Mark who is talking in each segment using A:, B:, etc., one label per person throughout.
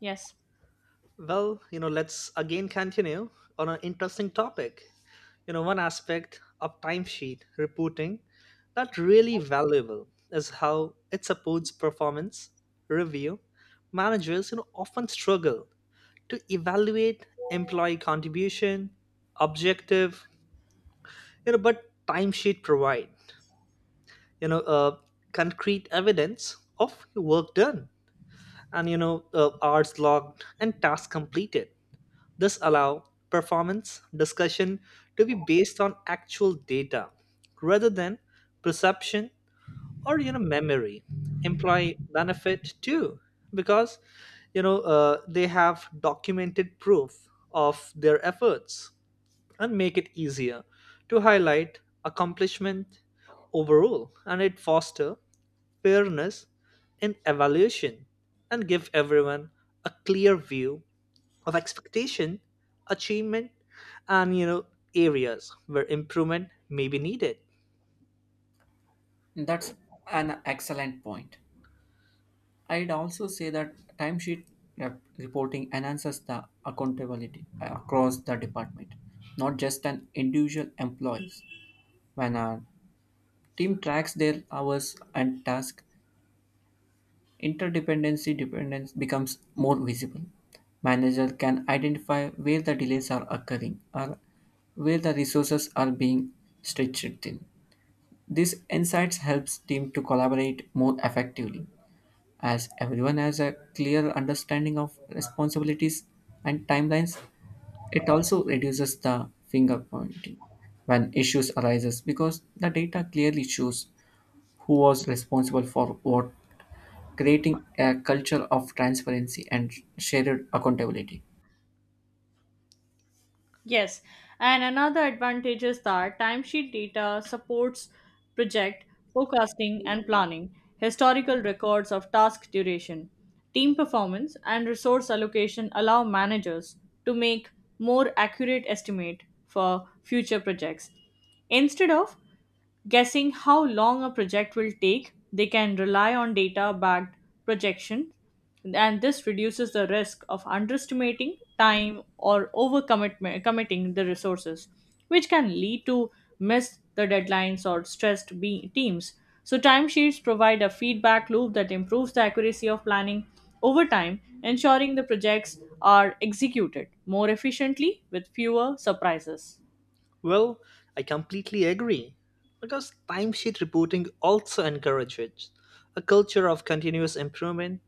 A: Yes,
B: Let's again continue on an interesting topic. One aspect of timesheet reporting that really valuable is how it supports performance review. Managers, often struggle to evaluate employee contribution, objective, but timesheet provide, you know, uh, concrete evidence of work done and hours logged and tasks completed. This allow performance discussion to be based on actual data rather than perception or memory. Employee benefit too because they have documented proof of their efforts and make it easier to highlight accomplishment overall, and it foster fairness in evaluation and give everyone a clear view of expectation, achievement, and areas where improvement may be needed.
C: That's an excellent point. I'd also say that timesheet reporting enhances the accountability across the department, not just an individual employees. When a team tracks their hours and tasks, interdependency dependence becomes more visible. Manager can identify where the delays are occurring or where the resources are being stretched thin. These insights helps team to collaborate more effectively as everyone has a clear understanding of responsibilities and timelines. It also reduces the finger pointing when issues arises because the data clearly shows who was responsible for what, creating a culture of transparency and shared accountability.
A: yes. and another advantage is that timesheet data supports project forecasting and planning, historical records of task duration, team performance, and resource allocation allow managers to make more accurate estimate for future projects instead of guessing how long a project will take, they can rely on data backed projection, and this reduces the risk of underestimating time or overcommitting the resources, which can lead to miss the deadlines or teams. So, timesheets provide a feedback loop that improves the accuracy of planning over time, ensuring the projects are executed more efficiently with fewer surprises.
B: Well, I completely agree because timesheet reporting also encourages a culture of continuous improvement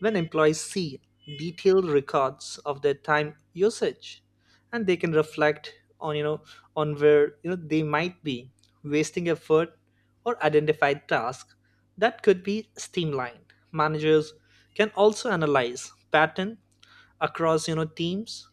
B: when employees see detailed records of their time usage, and they can reflect on you know on where they might be wasting effort or identify tasks that could be streamlined. Managers can also analyze pattern across teams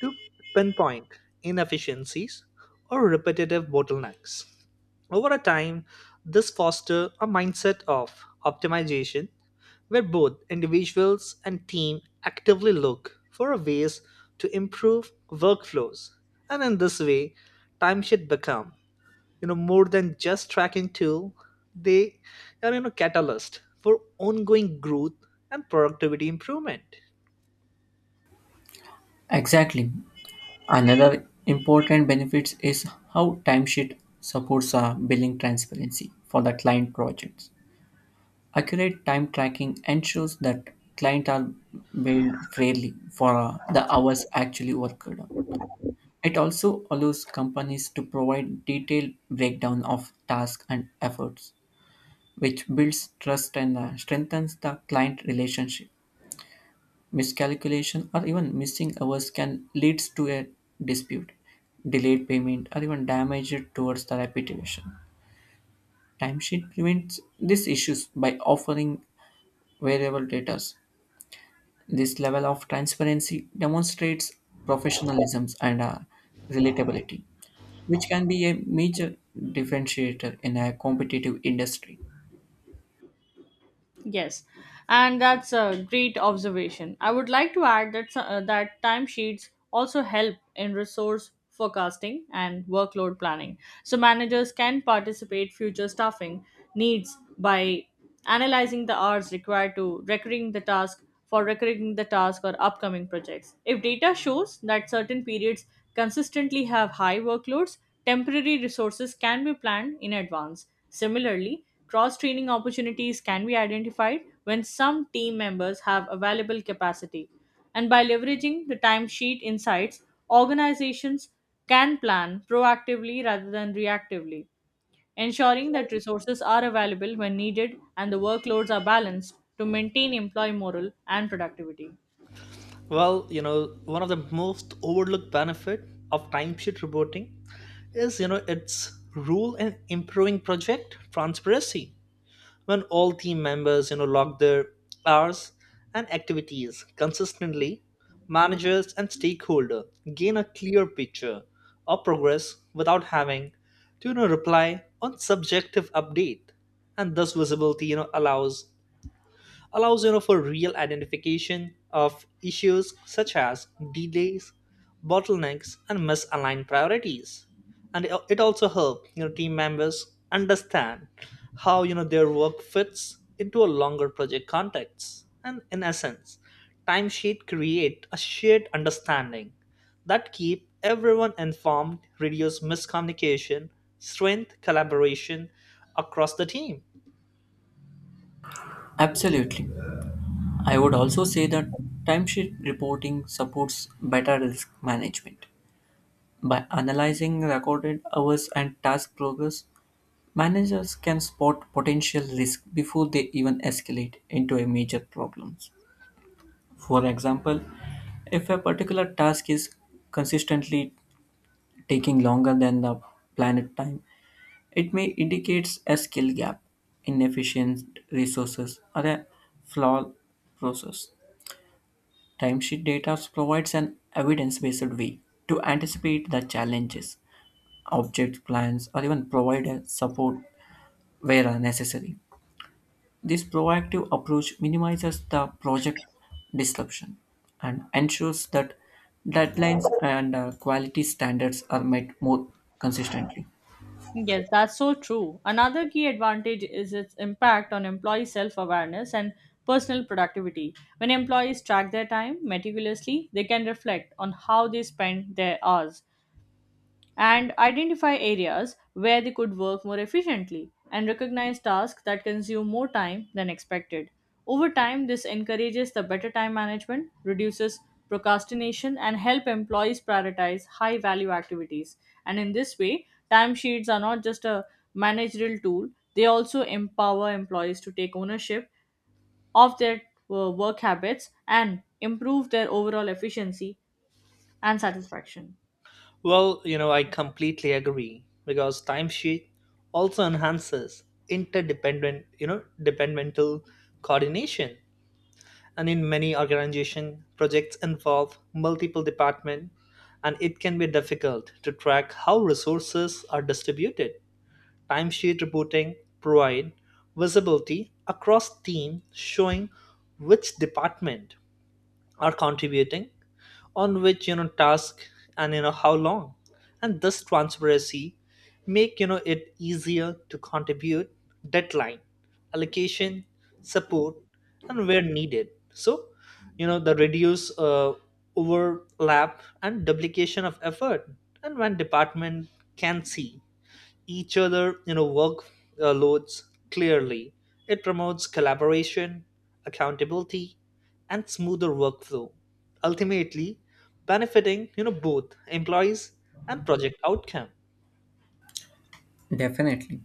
B: to pinpoint inefficiencies or repetitive bottlenecks over a time. This fosters a mindset of optimization where both individuals and team actively look for ways to improve workflows. And in this way, time should become, more than just tracking tool. They are, catalyst for ongoing growth and productivity improvement.
C: Exactly. Another important benefit is how timesheet supports billing transparency for the client projects. Accurate time tracking ensures that clients are billed fairly for the hours actually worked. It also allows companies to provide detailed breakdown of tasks and efforts, which builds trust and strengthens the client relationship. Miscalculation or even missing hours can lead to a dispute, delayed payment, or even damage towards the reputation. Timesheet prevents these issues by offering variable data. This level of transparency demonstrates professionalism and relatability, which can be a major differentiator in a competitive industry.
A: Yes, and that's a great observation. I would like to add that that timesheets also help in resource forecasting and workload planning. So managers can participate future staffing needs by analyzing the hours required to recurring the task for recurring the task or upcoming projects. If data shows that certain periods consistently have high workloads, temporary resources can be planned in advance. Similarly, cross training opportunities can be identified when some team members have available capacity. And by leveraging the timesheet insights, organizations can plan proactively rather than reactively ensuring that resources are available when needed and the workloads are balanced to maintain employee morale and productivity.
B: Well, one of the most overlooked benefit of timesheet reporting is, its rule in improving project transparency. When all team members, log their hours and activities consistently, managers and stakeholder gain a clear picture of progress without having to, reply on subjective update. And thus visibility, allows for real identification of issues such as delays, bottlenecks, and misaligned priorities, and it also helps team members understand how their work fits into a longer project context. And in essence, timesheet create a shared understanding that keep everyone informed, reduce miscommunication, strength collaboration across the team.
C: Absolutely. I would also say that timesheet reporting supports better risk management. By analyzing recorded hours and task progress, managers can spot potential risk before they even escalate into a major problem. For example, if a particular task is consistently taking longer than the planned time. It may indicates a skill gap, inefficient resources, or a flawed process. Timesheet data provides an evidence-based way to anticipate the challenges, object plans, or even provide a support where necessary. This proactive approach minimizes the project disruption and ensures that deadlines and quality standards are met more consistently.
A: Yes, that's so true. Another key advantage is its impact on employee self awareness and personal productivity. When employees track their time meticulously, they can reflect on how they spend their hours, and identify areas where they could work more efficiently and recognize tasks that consume more time than expected. Over time, this encourages the better time management, reduces procrastination, and help employees prioritize high value activities. And in this way, timesheets are not just a managerial tool, they also empower employees to take ownership of their work habits and improve their overall efficiency and satisfaction.
B: Well, I completely agree because timesheet also enhances interdependent, departmental coordination. And in many organization, projects involve multiple departments and it can be difficult to track how resources are distributed. Timesheet reporting provide visibility across team, showing which department are contributing on which task, and how long. And this transparency make it easier to contribute deadline, allocation, support, and where needed. So the reduce overlap and duplication of effort. And when department can see each other work loads clearly, it promotes collaboration, accountability, and smoother workflow, ultimately benefiting both employees and project outcome.
C: Definitely.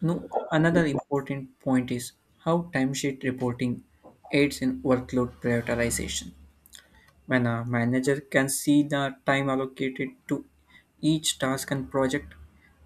C: No, another important point is how timesheet reporting aids in workload prioritization. When a manager can see the time allocated to each task and project,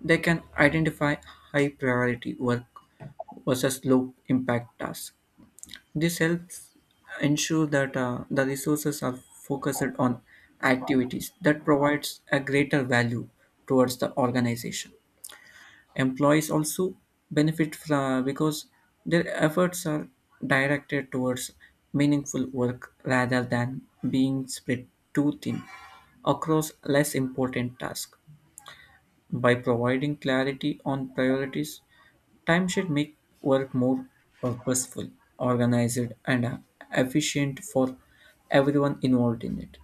C: they can identify high priority work versus low impact tasks. This helps ensure that the resources are focused on activities that provides a greater value towards the organization. Employees also benefit from, because their efforts are directed towards meaningful work rather than being spread too thin across less important tasks. By providing clarity on priorities, time should make work more purposeful, organized, and efficient for everyone involved in it.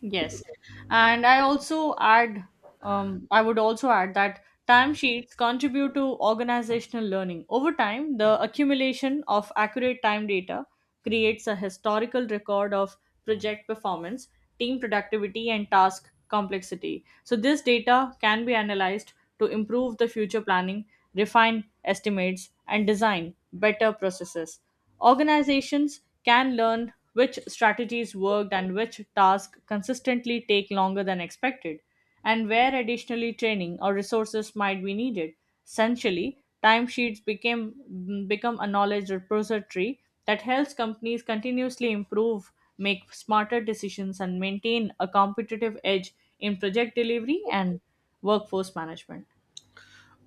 A: Yes. And I also add, I would also add that timesheets contribute to organizational learning. Over time, the accumulation of accurate time data creates a historical record of project performance, team productivity, and task complexity. So, this data can be analyzed to improve the future planning, refine estimates, and design better processes. Organizations can learn which strategies worked and which tasks consistently take longer than expected, and where additionally training or resources might be needed. Essentially, timesheets became become a knowledge repository that helps companies continuously improve, make smarter decisions, and maintain a competitive edge in project delivery and workforce management.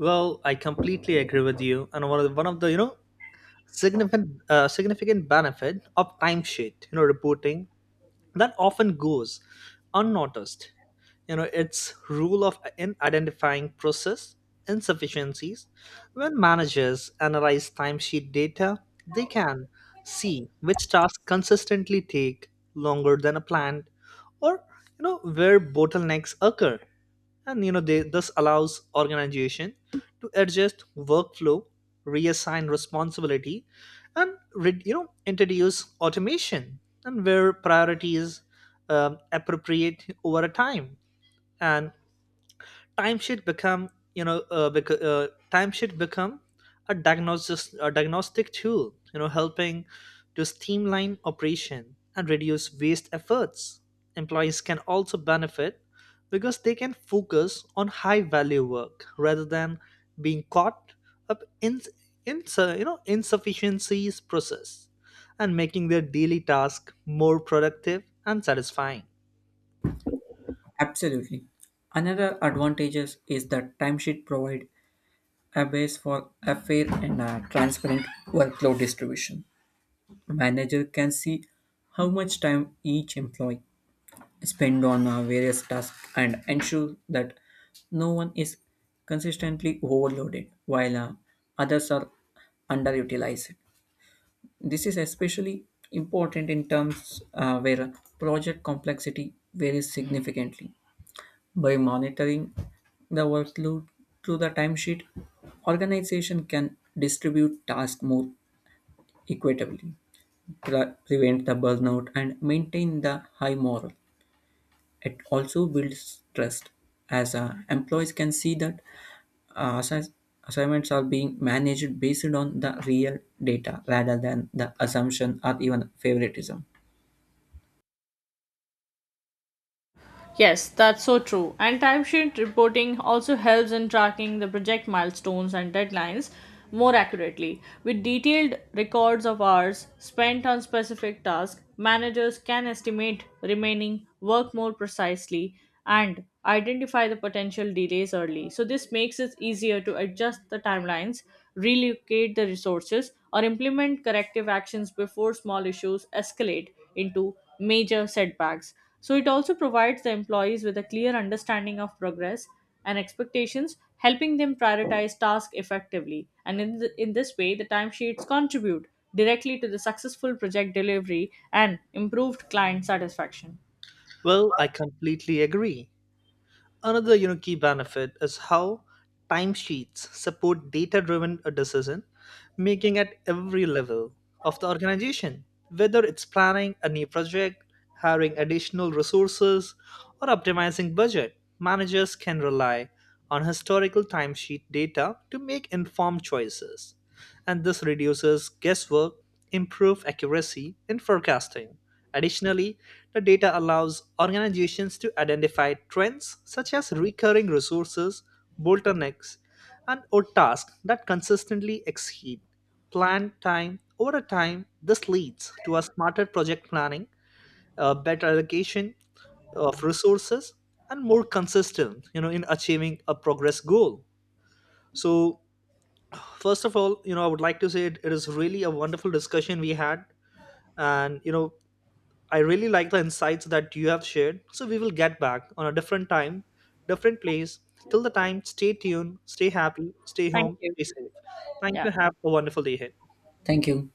B: Well, I completely agree with you. And one of the significant benefit of timesheet reporting that often goes unnoticed, its rule of in identifying process insufficiencies. When managers analyze timesheet data, they can see which tasks consistently take longer than a planned, or where bottlenecks occur. And this allows organization to adjust workflow, reassign responsibility, and introduce automation and where priorities appropriate over a time. And time should become you know uh, bec- uh, time should become a diagnostic tool, helping to streamline operation and reduce waste efforts. Employees can also benefit because they can focus on high value work rather than being caught up in insufficiencies process, and making their daily task more productive and satisfying.
C: Absolutely. Another advantages is that timesheet provide a base for a fair and a transparent workload distribution. Manager can see how much time each employee spend on various tasks and ensure that no one is consistently overloaded while others are underutilized. This is especially important in terms where project complexity varies significantly by monitoring the workload through the timesheet, organization can distribute tasks more equitably, prevent the burnout, and maintain the high morale. It also builds trust, as employees can see that uh, assi- assignments are being managed based on the real data rather than the assumption or even favoritism.
A: Yes, that's so true. And timesheet reporting also helps in tracking the project milestones and deadlines more accurately. With detailed records of hours spent on specific tasks, managers can estimate remaining work more precisely and identify the potential delays early. So, this makes it easier to adjust the timelines relocate the resources, or implement corrective actions before small issues escalate into major setbacks. So, it also provides the employees with a clear understanding of progress and expectations, helping them prioritize tasks effectively. And in this way, the timesheets contribute directly to the successful project delivery and improved client satisfaction.
B: Well, I completely agree. Another key benefit is how timesheets support data driven decision making at every level of the organization, whether it's planning a new project, hiring additional resources, or optimizing budget. Managers can rely on historical timesheet data to make informed choices, and this reduces guesswork, improve accuracy in forecasting. Additionally, the data allows organizations to identify trends such as recurring resources, bottlenecks, and or tasks that consistently exceed planned time over time. This leads to a smarter project planning, a better allocation of resources, and more consistent, in achieving a progress goal. So first of all, I would like to say it is really a wonderful discussion we had. And I really like the insights that you have shared. So we will get back on a different time, different place. Till the time, stay tuned, stay happy, stay
A: Thank
B: home,
A: you.
B: stay safe. Thank
A: Yeah.
B: you, have a wonderful day ahead.
C: Thank you.